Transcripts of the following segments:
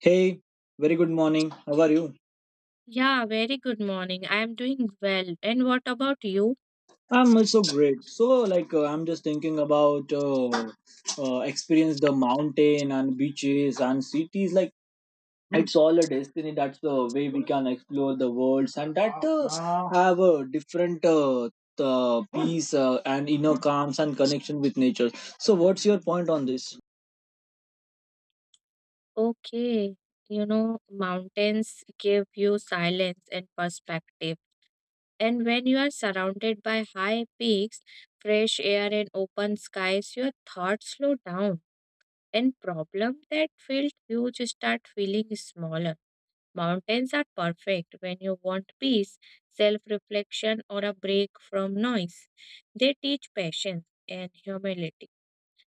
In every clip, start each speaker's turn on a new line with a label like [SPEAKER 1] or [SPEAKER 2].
[SPEAKER 1] Hey, very good morning. How are you?
[SPEAKER 2] Yeah, very good morning. I am doing well. And what about you?
[SPEAKER 1] I'm also great. So, I'm just thinking about experience the mountain and beaches and cities. Like, it's all a destiny. That's the way we can explore the worlds and that have a different peace, and inner calms and connection with nature. So, what's your point on this?
[SPEAKER 2] Okay, mountains give you silence and perspective. And when you are surrounded by high peaks, fresh air, and open skies, your thoughts slow down. And problem that felt huge start feeling smaller. Mountains are perfect when you want peace, self-reflection, or a break from noise. They teach patience and humility.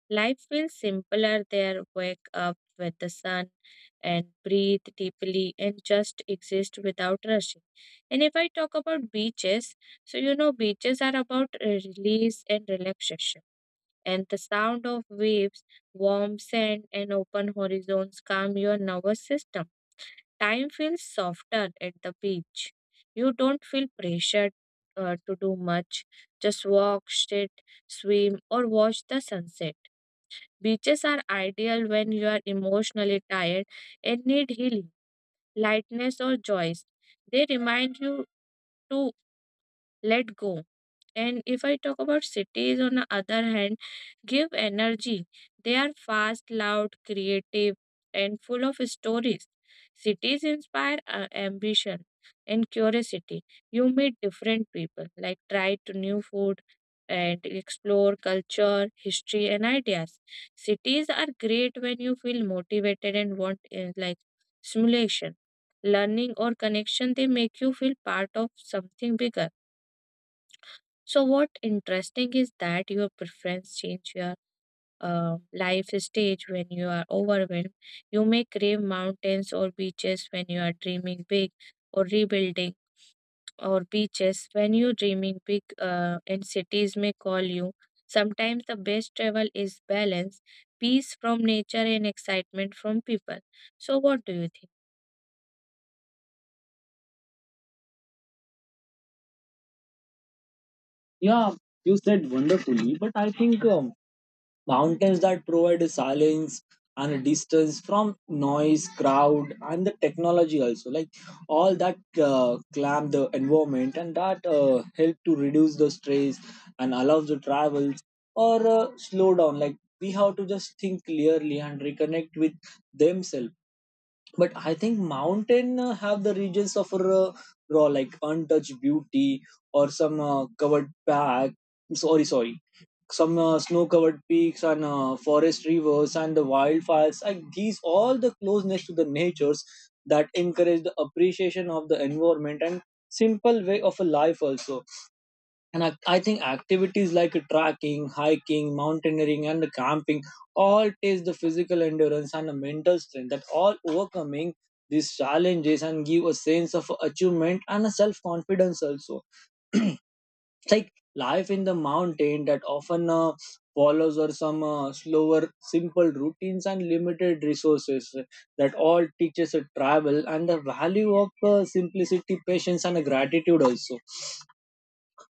[SPEAKER 2] Life feels simpler there. Wake up with the sun and breathe deeply and just exist without rushing. And if I talk about beaches, so beaches are about release and relaxation. And the sound of waves, warm sand, and open horizons calm your nervous system. Time feels softer at the beach. You don't feel pressured to do much. Just walk, sit, swim, or watch the sunset. Beaches are ideal when you are emotionally tired and need healing, lightness, or joys. They remind you to let go. And if I talk about cities, on the other hand, give energy. They are fast, loud, creative, and full of stories. Cities inspire ambition and curiosity. You meet different people, like try to new food and explore culture, history, and ideas. Cities are great when you feel motivated and want like stimulation, learning, or connection. They make you feel part of something bigger. So what interesting is that your preference change your life stage when you are overwhelmed. You may crave mountains or beaches when you are dreaming big or rebuilding or beaches when you dreaming big and cities may call you. Sometimes the best travel is balance, peace from nature and excitement from people. So what do you think?
[SPEAKER 1] Yeah, you said wonderfully, but I think mountains that provide silence and a distance from noise, crowd, and the technology also. Like all that clamp the environment and that help to reduce the stress and allows the travels or slow down. Like we have to just think clearly and reconnect with themselves. But I think mountain have the regions of raw like untouched beauty or some covered pack, sorry, some snow covered peaks and forest rivers and the wildfires, like these all the closeness to the natures that encourage the appreciation of the environment and simple way of a life also. And I think activities like trekking, hiking, mountaineering, and camping all test the physical endurance and the mental strength that all overcoming these challenges and give a sense of achievement and a self confidence also. It's like life in the mountain that often follows or some slower, simple routines and limited resources that all teaches a travel and the value of simplicity, patience, and gratitude also,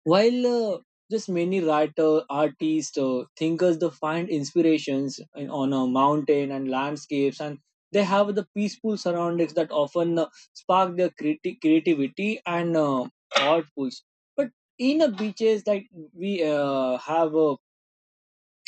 [SPEAKER 1] while just many writer, artists, thinkers, they find inspirations in, on a mountain and landscapes, and they have the peaceful surroundings that often spark their creativity and thought pulse. But in the beaches, like we have a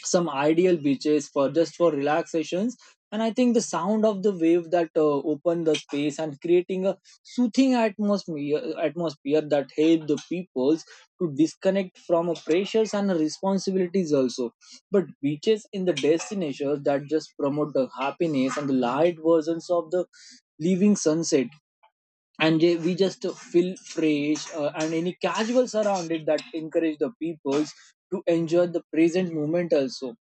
[SPEAKER 1] some ideal beaches for just for relaxations. And I think the sound of the wave that open the space and creating a soothing atmosphere that help the peoples to disconnect from a pressures and responsibilities also. But beaches in the destinations that just promote the happiness and the light versions of the living sunset, and we just feel fresh and any casual surrounded that encourage the peoples to enjoy the present moment also.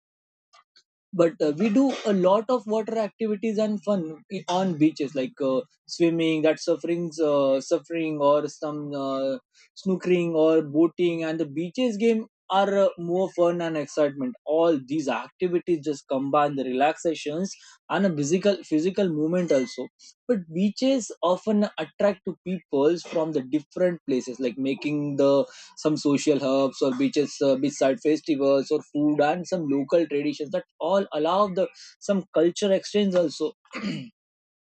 [SPEAKER 1] But we do a lot of water activities and fun on beaches like swimming that sufferings, suffering or some snookering or boating and the beaches game are more fun and excitement. All these activities just combine the relaxations and a physical movement also. But beaches often attract to people from the different places, like making the some social hubs or beaches, beachside festivals or food and some local traditions that all allow the some culture exchange also. And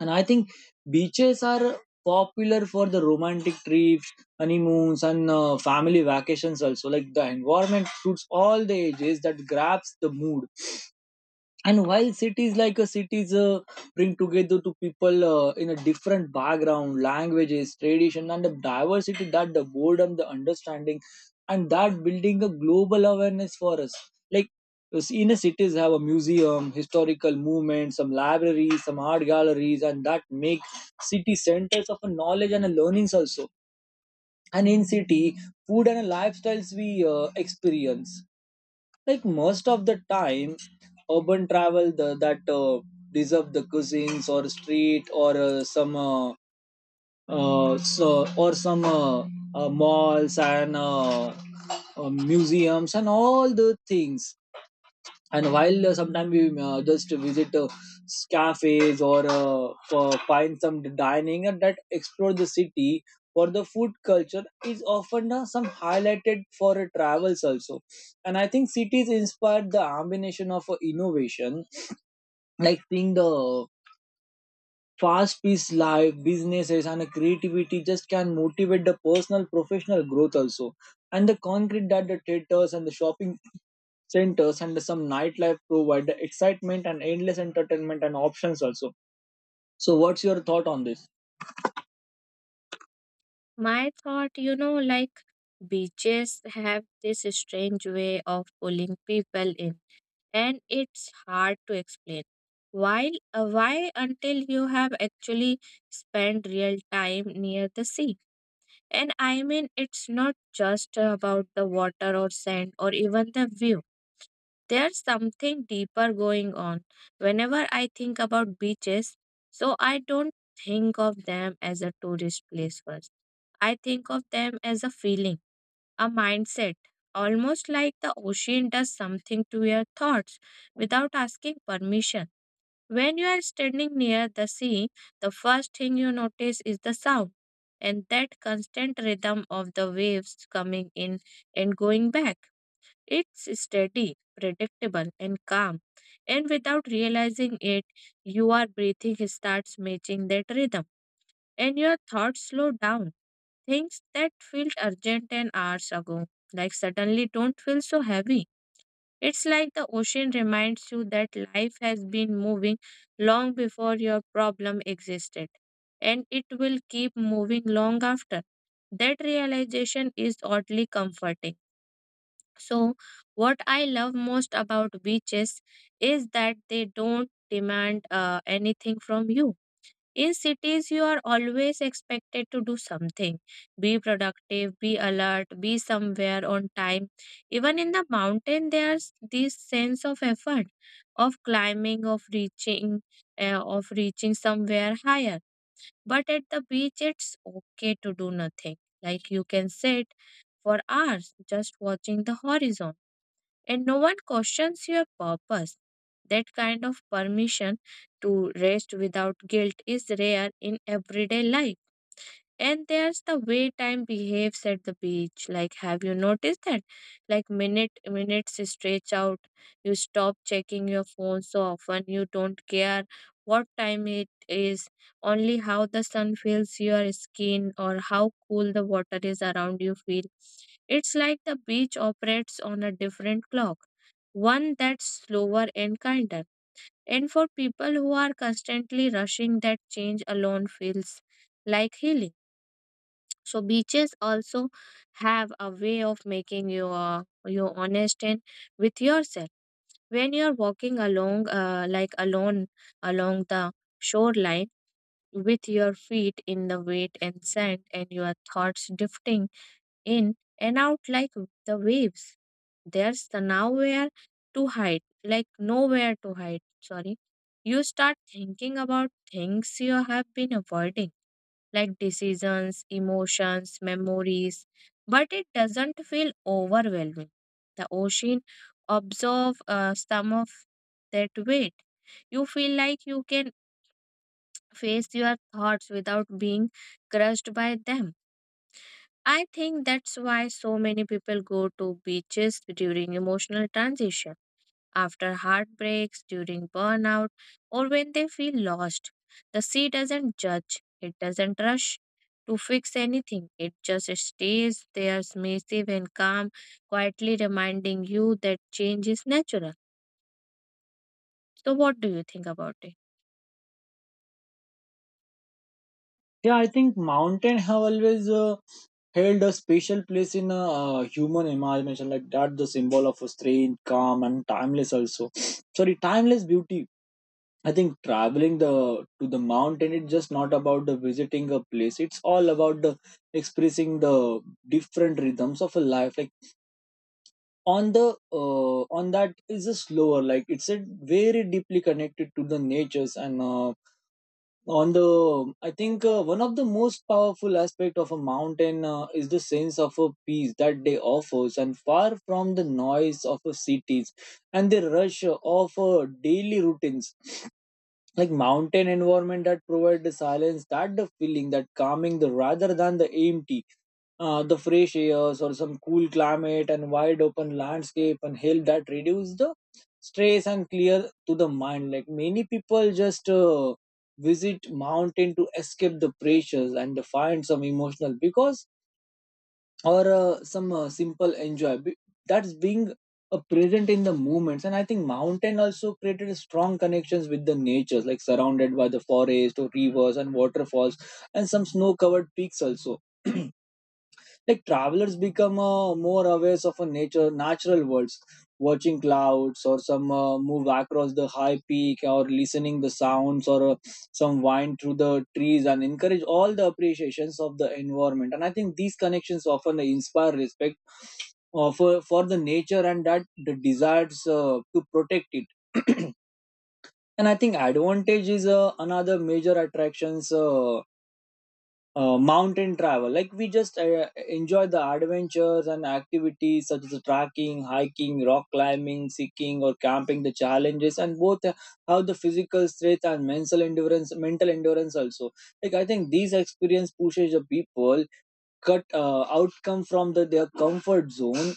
[SPEAKER 1] I think beaches are popular for the romantic trips, honeymoons, and family vacations also. Like the environment suits all the ages that grabs the mood. And while cities, like a cities bring together to people in a different background languages tradition and the diversity that the boredom the understanding and that building a global awareness for us. Like you see, in a cities have a museum historical movement, some libraries, some art galleries and that make city centers of a knowledge and a learnings also. And in city food and lifestyles we experience, like most of the time urban travel the, that deserve the cuisines or street or some, so or some, malls and, museums and all the things. And while sometimes we just visit cafes or find some dining and that explore the city for the food culture is often some highlighted for travels also. And I think cities inspire the combination of innovation, like seeing the fast paced life businesses and creativity just can motivate the personal professional growth also. And the concrete that the theaters and the shopping centers and some nightlife provide excitement and endless entertainment and options also. So, what's your thought on this?
[SPEAKER 2] My thought, like beaches have this strange way of pulling people in and it's hard to explain. While, why until you have actually spent real time near the sea. And I mean, it's not just about the water or sand or even the view. There's something deeper going on. Whenever I think about beaches, so I don't think of them as a tourist place first. I think of them as a feeling, a mindset, almost like the ocean does something to your thoughts without asking permission. When you are standing near the sea, the first thing you notice is the sound and that constant rhythm of the waves coming in and going back. It's steady, predictable, and calm. And without realizing it, your breathing starts matching that rhythm and your thoughts slow down. Things that felt urgent an hours ago, like suddenly don't feel so heavy. It's like the ocean reminds you that life has been moving long before your problem existed, and it will keep moving long after. That realization is oddly comforting. So, what I love most about beaches is that they don't demand anything from you. In cities, you are always expected to do something. Be productive, be alert, be somewhere on time. Even in the mountain, there's this sense of effort, of climbing, of reaching, somewhere higher. But at the beach, it's okay to do nothing. Like you can sit for hours just watching the horizon and no one questions your purpose. That kind of permission to rest without guilt is rare in everyday life. And there's the way time behaves at the beach. Like, have you noticed that? Like, minutes stretch out. You stop checking your phone so often. You don't care what time it is, only how the sun feels your skin or how cool the water is around you feel. It's like the beach operates on a different clock, one that's slower and kinder. And for people who are constantly rushing, that change alone feels like healing. So beaches also have a way of making you honest and with yourself. When you're walking along, like alone along the shoreline, with your feet in the wet and sand, and your thoughts drifting in and out like the waves, there's the nowhere to hide, like nowhere to hide. Sorry, you start thinking about things you have been avoiding like decisions, emotions, memories, but it doesn't feel overwhelming. The ocean absorbs some of that weight. You feel like you can face your thoughts without being crushed by them. I think that's why so many people go to beaches during emotional transition after heartbreaks, during burnout, or when they feel lost. The sea doesn't judge, it doesn't rush to fix anything, it just stays there, submissive and calm, quietly reminding you that change is natural. So, what do you think about it?
[SPEAKER 1] Yeah, I think mountain have always held a special place in a human imagination, like that the symbol of strength, calm, and timeless also. Sorry, timeless beauty. I think traveling the to the mountain it's just not about the visiting a place. It's all about the expressing the different rhythms of a life, like on the on that is a slower, like it's a very deeply connected to the natures and on the, I think one of the most powerful aspect of a mountain is the sense of a peace that they offers and far from the noise of a cities and the rush of daily routines. Like mountain environment that provide the silence that the feeling that calming the rather than the empty, the fresh airs or some cool climate and wide open landscape and help that reduce the stress and clear to the mind. Like many people just visit mountain to escape the pressures and to find some emotional because or some simple enjoy that's being present in the moments. And I think mountain also created strong connections with the nature, like surrounded by the forest or rivers and waterfalls and some snow covered peaks also. Like travelers become more aware of a nature natural worlds, watching clouds or some move across the high peak or listening the sounds or some wind through the trees and encourage all the appreciations of the environment. And I think these connections often inspire respect for the nature and that the desires to protect it. And I think advantage is another major attractions, mountain travel, like we just enjoy the adventures and activities such as trekking hiking rock climbing seeking or camping the challenges and both how the physical strength and mental endurance also. Like I think these experience pushes the people cut, outcome from the, their comfort zone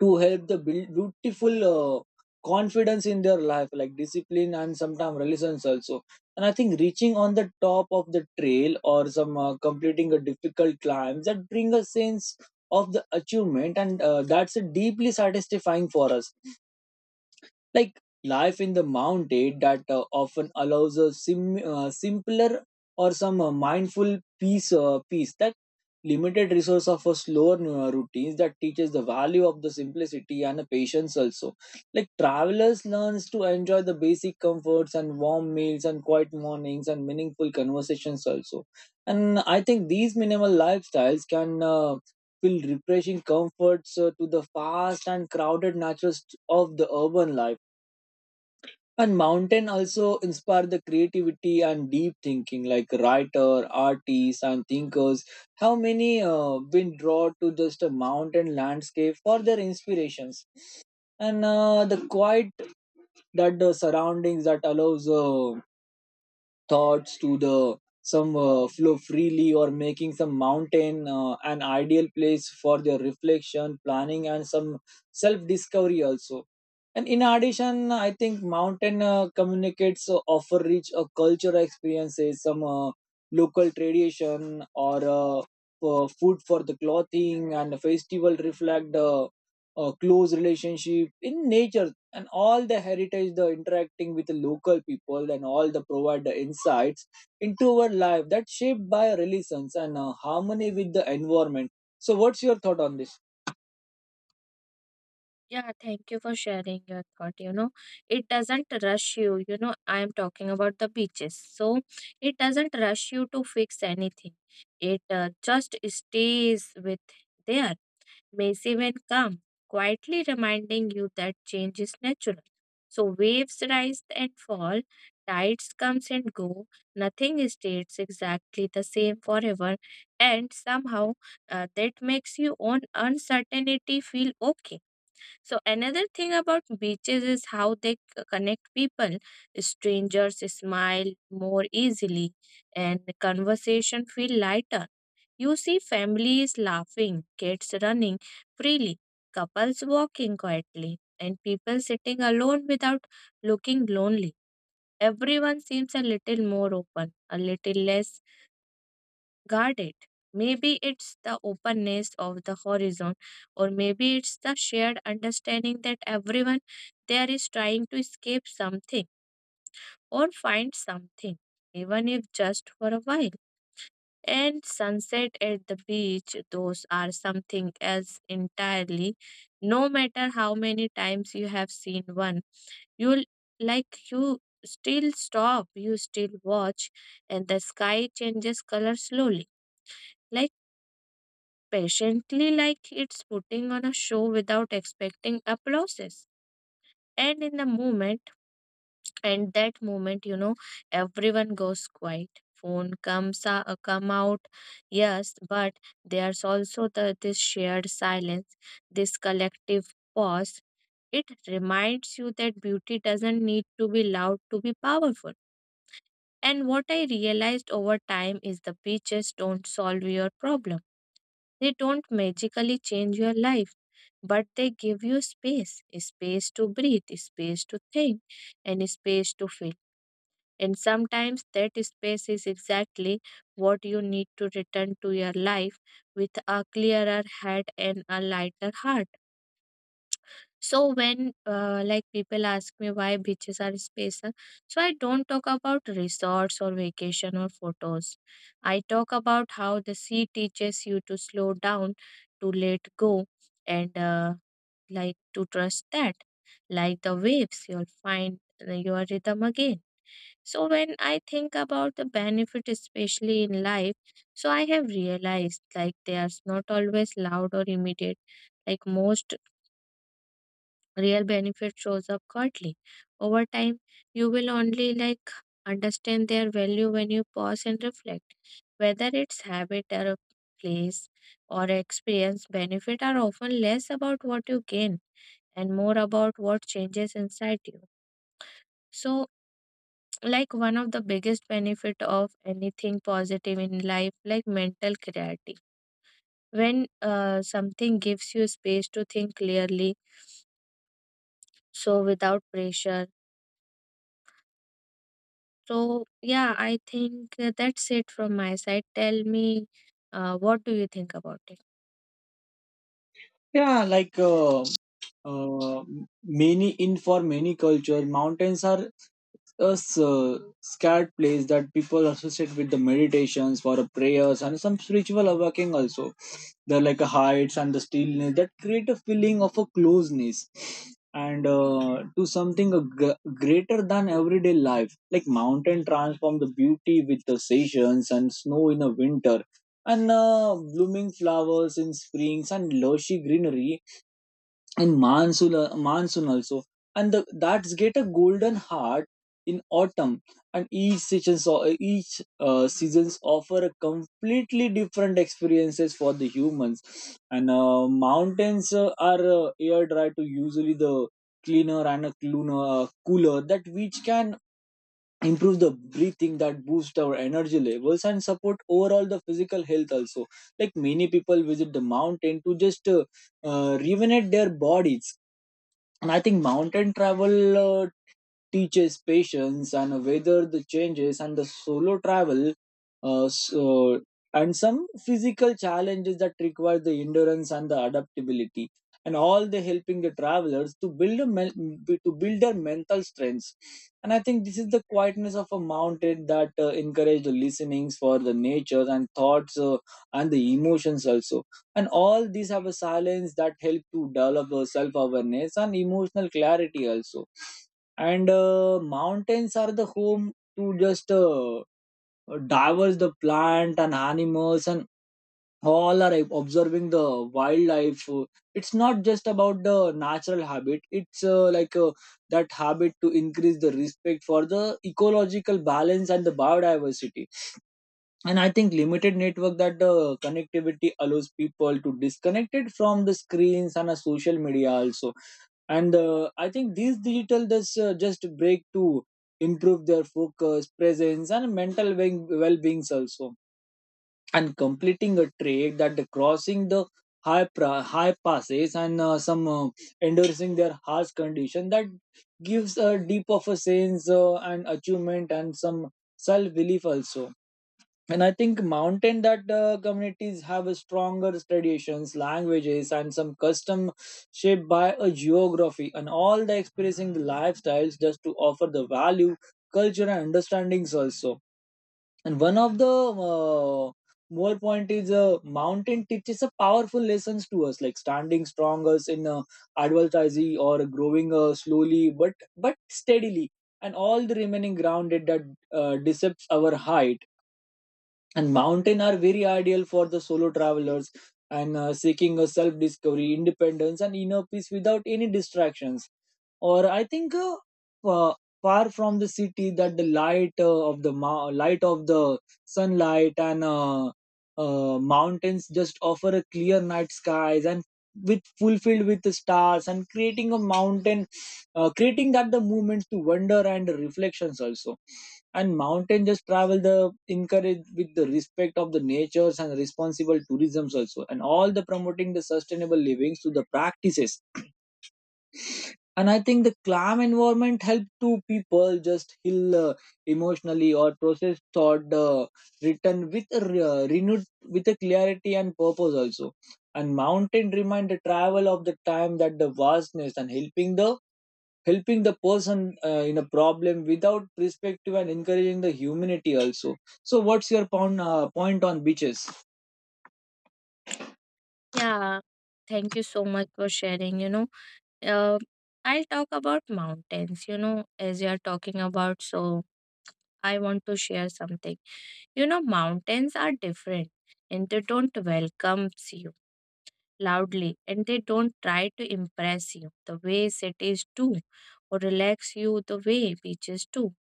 [SPEAKER 1] to help the build beautiful confidence in their life, like discipline and sometimes resilience also. And I think reaching on the top of the trail or some completing a difficult climb that bring a sense of the achievement and that's a deeply satisfying for us. Like life in the mountain that often allows a simpler or some mindful peace that limited resource of a slower routines that teaches the value of the simplicity and the patience also. Like travelers learns to enjoy the basic comforts and warm meals and quiet mornings and meaningful conversations also. And I think these minimal lifestyles can feel refreshing comforts to the fast and crowded natures of the urban life. And mountain also inspire the creativity and deep thinking, like writer, artists, and thinkers. How many been drawn to just a mountain landscape for their inspirations, and the quiet that the surroundings that allows thoughts to the some flow freely or making some mountain an ideal place for their reflection, planning, and some self discovery also. And in addition, I think mountain communicates offer rich cultural experiences, some local tradition or, food for the clothing and the festival reflect, close relationship in nature and all the heritage, the interacting with the local people and all the provide the insights into our life that shaped by religions and harmony with the environment. So what's your thought on this?
[SPEAKER 2] Yeah, thank you for sharing your thought. It doesn't rush you. I am talking about the beaches. So, it doesn't rush you to fix anything, it just stays with there waves even come, quietly reminding you that change is natural. So waves rise and fall, tides comes and go, nothing stays exactly the same forever, and somehow that makes your own uncertainty feel okay. So another thing about beaches is how they connect people. Strangers smile more easily and conversation feel lighter. You see families laughing, kids running freely, couples walking quietly, and people sitting alone without looking lonely. Everyone seems a little more open, a little less guard it. Maybe it's the openness of the horizon, or maybe it's the shared understanding that everyone there is trying to escape something or find something, even if just for a while. And sunset at the beach, those are something else entirely. No matter how many times you have seen one, you'll you still stop, you still watch, and the sky changes color slowly. Like patiently like it's putting on a show without expecting applauses. And that moment, everyone goes quiet. Phone come out, yes, but there's also the this shared silence, this collective pause. It reminds you that beauty doesn't need to be loud to be powerful. And what I realized over time is the beaches don't solve your problem. They don't magically change your life, but they give you space to breathe, space to think, and space to feel. And sometimes that space is exactly what you need to return to your life with a clearer head and a lighter heart. So when like people ask me why beaches are special, so I don't talk about resorts or vacation or photos. I talk about how the sea teaches you to slow down, to let go, and like to trust that. Like the waves, you'll find your rhythm again. So when I think about the benefit, especially in life, so I have realized like they are not always loud or immediate. Like most real benefit shows up quietly. Over time, you will only like understand their value when you pause and reflect. Whether it's habit or a place or experience, benefit are often less about what you gain and more about what changes inside you. So, like one of the biggest benefit of anything positive in life, like mental clarity. When something gives you space to think clearly, so without pressure. So, yeah, I think that's it from my side. Tell me, what do you think about it?
[SPEAKER 1] yeah like uh, uh, many in for many culture mountains are a scared place that people associate with the meditations for a prayers and some spiritual awakening also. They're like a heights and the stillness that create a feeling of a closeness and to something greater than everyday life. Like mountain transform the beauty with the seasons and snow in a winter and blooming flowers in springs and lushy greenery and monsoon monsoon also, and the, that's get a golden heart in autumn. And each seasons offer a completely different experiences for the humans. And mountains are air dry to usually the cleaner and a cleaner, cooler that which can improve the breathing that boost our energy levels and support overall the physical health also. Like many people visit the mountain to just rejuvenate their bodies. And I think mountain travel uh, teaches patience and weather the changes and the solo travel, uh, so, and some physical challenges that require the endurance and the adaptability, and all the helping the travelers to to build their mental strengths. And I think this is the quietness of a mountain that encourage the listenings for the nature and thoughts, and the emotions also, and all these have a silence that help to develop a self awareness and emotional clarity also. And mountains are the home to just divers the plant and animals, and all are observing the wildlife. It's not just about the natural habit, it's that habit to increase the respect for the ecological balance and the biodiversity. And I think limited network that the connectivity allows people to disconnect it from the screens and social media also. And I think these digital does just break to improve their focus presence and mental well-beings also. And completing a trek that the crossing the high passes and some endorsing their harsh condition that gives a deep of a sense and achievement and some self-belief also. And I think mountain that communities have a stronger traditions languages and some custom shaped by a geography, and all the expressing the lifestyles just to offer the value culture and understandings also. And one of the uh, more point is mountain teaches a powerful lessons to us, like standing stronger in adversity or growing slowly but steadily, and all the remaining grounded that decepts our height. And mountain are very ideal for the solo travelers and seeking a self discovery independence and inner peace without any distractions. Or I think uh, far from the city that the light of the sunlight and mountains just offer a clear night skies and with fulfilled with the stars and creating a mountain, creating that the movements to wonder and reflections also. And mountain just travel the encourage with the respect of the natures and responsible tourisms also, and all the promoting the sustainable livings to the practices. And I think the calm environment help to people just heal emotionally or process thought, written with a renewed with a clarity and purpose also. And mountain remind the travel of the time that the vastness and helping the person in a problem without perspective and encouraging the humanity also. So what's your point, point on beaches?
[SPEAKER 2] Yeah, thank you so much for sharing. Uh, I'll talk about mountains, as you're talking about. So, I want to share something. Mountains are different and they don't welcome you loudly and they don't try to impress you the way cities do or relax you the way beaches do.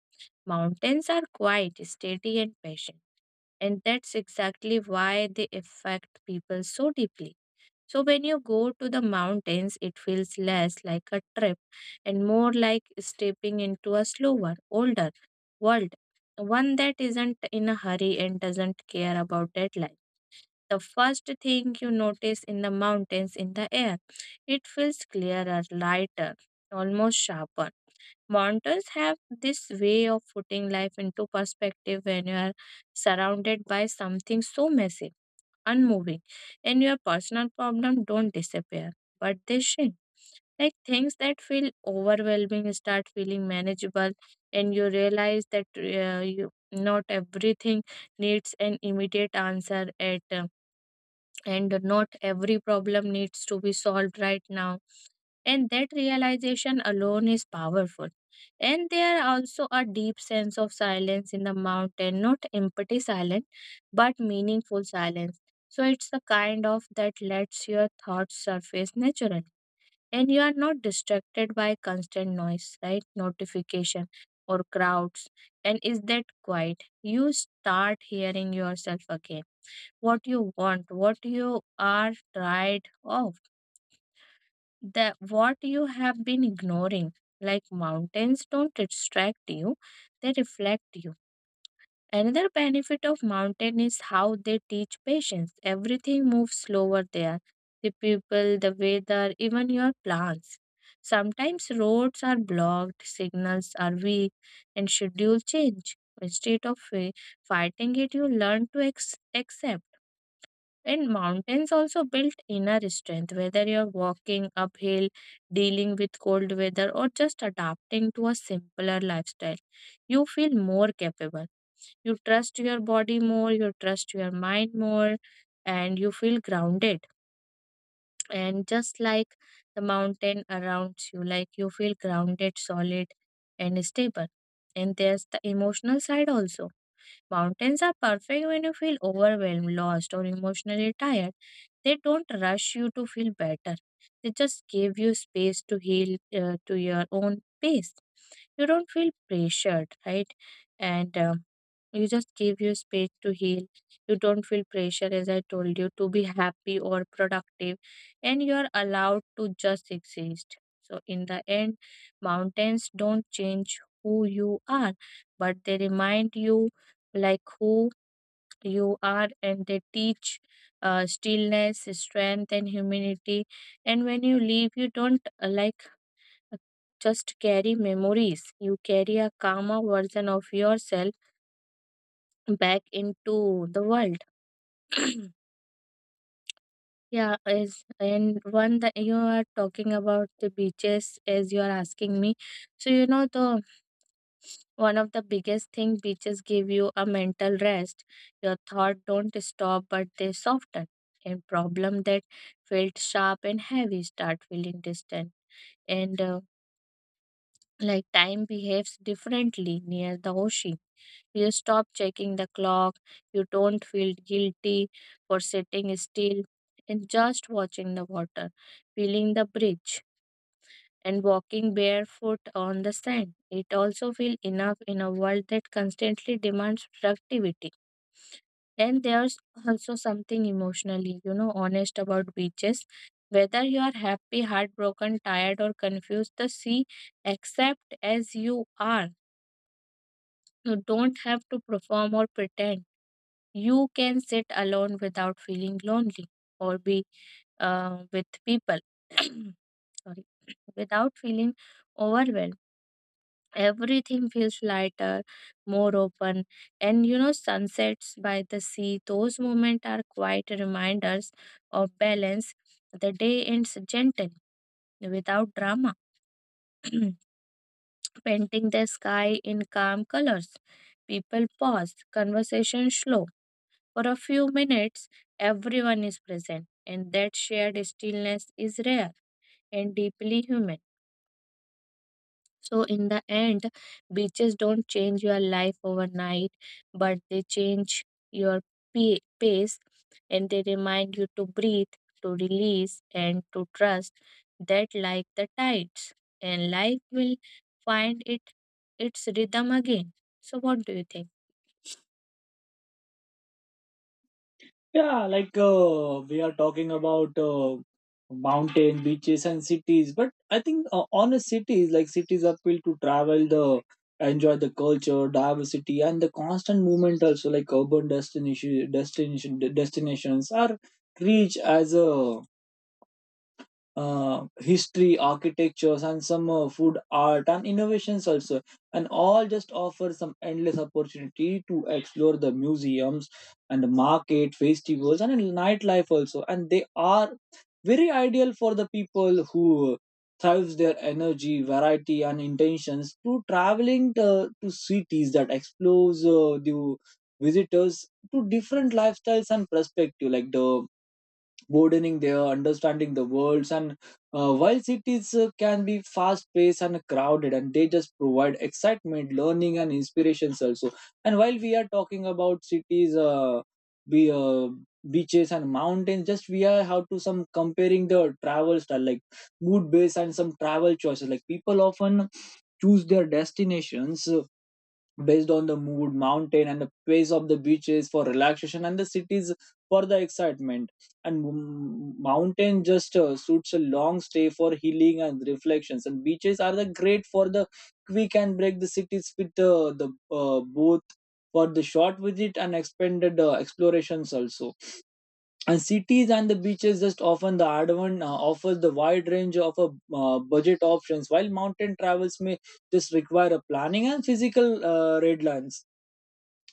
[SPEAKER 2] Mountains are quiet, steady, and patient. And that's exactly why they affect people so deeply. So when you go to the mountains, it feels less like a trip and more like stepping into a slower, older world, one that isn't in a hurry and doesn't care about deadline. The first thing you notice in the mountains in the air, it feels clearer, lighter, almost sharper. Mountains have this way of putting life into perspective when you are surrounded by something so massive, unmoving, and your personal problem don't disappear, but they shrink. Like things that feel overwhelming start feeling manageable, and you realize that you not everything needs an immediate answer at and not every problem needs to be solved right now. And that realization alone is powerful. And there are also a deep sense of silence in the mountain, not empty silence, but meaningful silence. So it's the kind of that lets your thoughts surface naturally. And you are not distracted by constant noise, right? Notification or crowds. And is that quiet? You start hearing yourself again. What you want, what you are tired of, the what you have been ignoring, like mountains don't distract you, they reflect you. Another benefit of mountain is how they teach patience. Everything moves slower there, the people, the weather, even your plans. Sometimes roads are blocked, signals are weak, and schedule change. Instead of fighting it, you learn to accept. And mountains also build inner strength, whether you're walking uphill, dealing with cold weather, or just adapting to a simpler lifestyle. You feel more capable. You trust your body more, you trust your mind more, and you feel grounded. And just like the mountain around you, like you feel grounded, solid, and stable. And there's the emotional side also. Mountains are perfect when you feel overwhelmed, lost, or emotionally tired. They don't rush you to feel better. They just give you space to heal, to your own pace. You don't feel pressured, right? And you just give you space to heal. You don't feel pressure, as I told you, to be happy or productive. And you're allowed to just exist. So, in the end, mountains don't change who you are, but they remind you like who you are. And they teach stillness, strength, and humility. And when you leave, you don't like uh, just carry memories, you carry a calmer version of yourself back into the world. Yeah, as and one that you are talking about the beaches as you are asking me. So you know the One of the biggest thing beaches give you a mental rest. Your thoughts don't stop but they soften. And problem that felt sharp and heavy start feeling distant. And like time behaves differently near the ocean. You stop checking the clock. You don't feel guilty for sitting still and just watching the water, feeling the breeze and walking barefoot on the sand. It also feels enough in a world that constantly demands productivity. Then there's also something emotionally, honest about beaches. Whether you are happy, heartbroken, tired, or confused, the sea accept as you are. You don't have to perform or pretend. You can sit alone without feeling lonely or be with people. Sorry, without feeling overwhelmed. Everything feels lighter, more open, and sunsets by the sea, those moments are quite reminders of balance. The day ends gentle, without drama, painting the sky in calm colors. People pause, conversation slow. For a few minutes, everyone is present, and that shared stillness is rare and deeply human. So, in the end, beaches don't change your life overnight, but they change your pace and they remind you to breathe, to release, and to trust that, like the tides, and life will find it its rhythm again. So, what do you think?
[SPEAKER 1] Yeah, like we are talking about mountain, beaches, and cities. But I think honest cities, like cities, appeal to travel, the enjoy the culture, diversity, and the constant movement. Also, like urban destinations are rich as a history, architectures, and some food art and innovations also, and all just offer some endless opportunity to explore the museums and the market, festivals, and nightlife also. And they are very ideal for the people who thrives their energy, variety, and intentions to traveling to cities that explores the visitors to different lifestyles and perspective, like the broadening their understanding the worlds, and while cities can be fast paced and crowded, and they just provide excitement learning and inspirations also. And while we are talking about cities, be beaches and mountains just we are how to some comparing the travel style, like mood based and some travel choices, like people often choose their destinations based on the mood, mountain, and the pace of the beaches for relaxation, and the cities for the excitement. And mountain just suits a long stay for healing and reflections, and beaches are the great for the quick and break the cities with the both for the short visit and expanded explorations also. And cities and the beaches just often the Ardavan offers the wide range of a budget options, while mountain travels may just require a planning and physical red lines.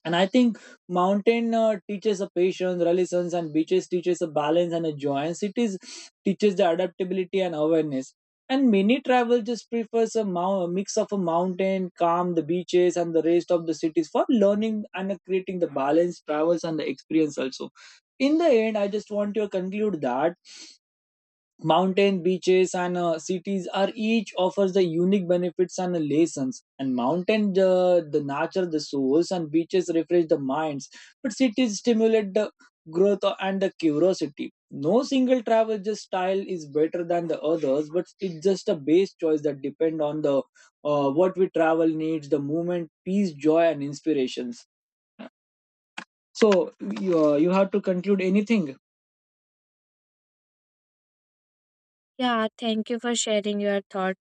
[SPEAKER 1] And I think mountain teaches a patience resilience, and beaches teaches a balance and a joy, and cities teaches the adaptability and awareness. And many travel just prefers a mix of a mountain calm the beaches and the rest of the cities for learning and creating the balance travels and the experience also. In the end I just want to conclude that mountain beaches and cities are each offers the unique benefits and lessons. And mountain, the nature, the souls, and beaches refresh the minds. But cities stimulate the growth and the curiosity. No single travel just style is better than the others, but it's just a base choice that depend on the what we travel needs, the movement, peace, joy, and inspirations. So you, you have to conclude anything.
[SPEAKER 2] Yeah, thank you for sharing your thought.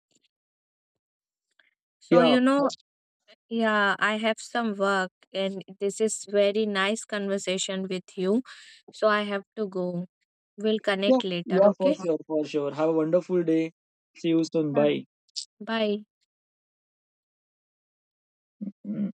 [SPEAKER 2] So,
[SPEAKER 1] Yeah.
[SPEAKER 2] yeah, I have some work, and this is very nice conversation with you. So, I have to go. We'll
[SPEAKER 1] Yeah,
[SPEAKER 2] connect later,
[SPEAKER 1] yeah, for
[SPEAKER 2] okay?
[SPEAKER 1] sure, for sure. Have a wonderful day. See you soon. Bye.
[SPEAKER 2] Bye.
[SPEAKER 1] Mm.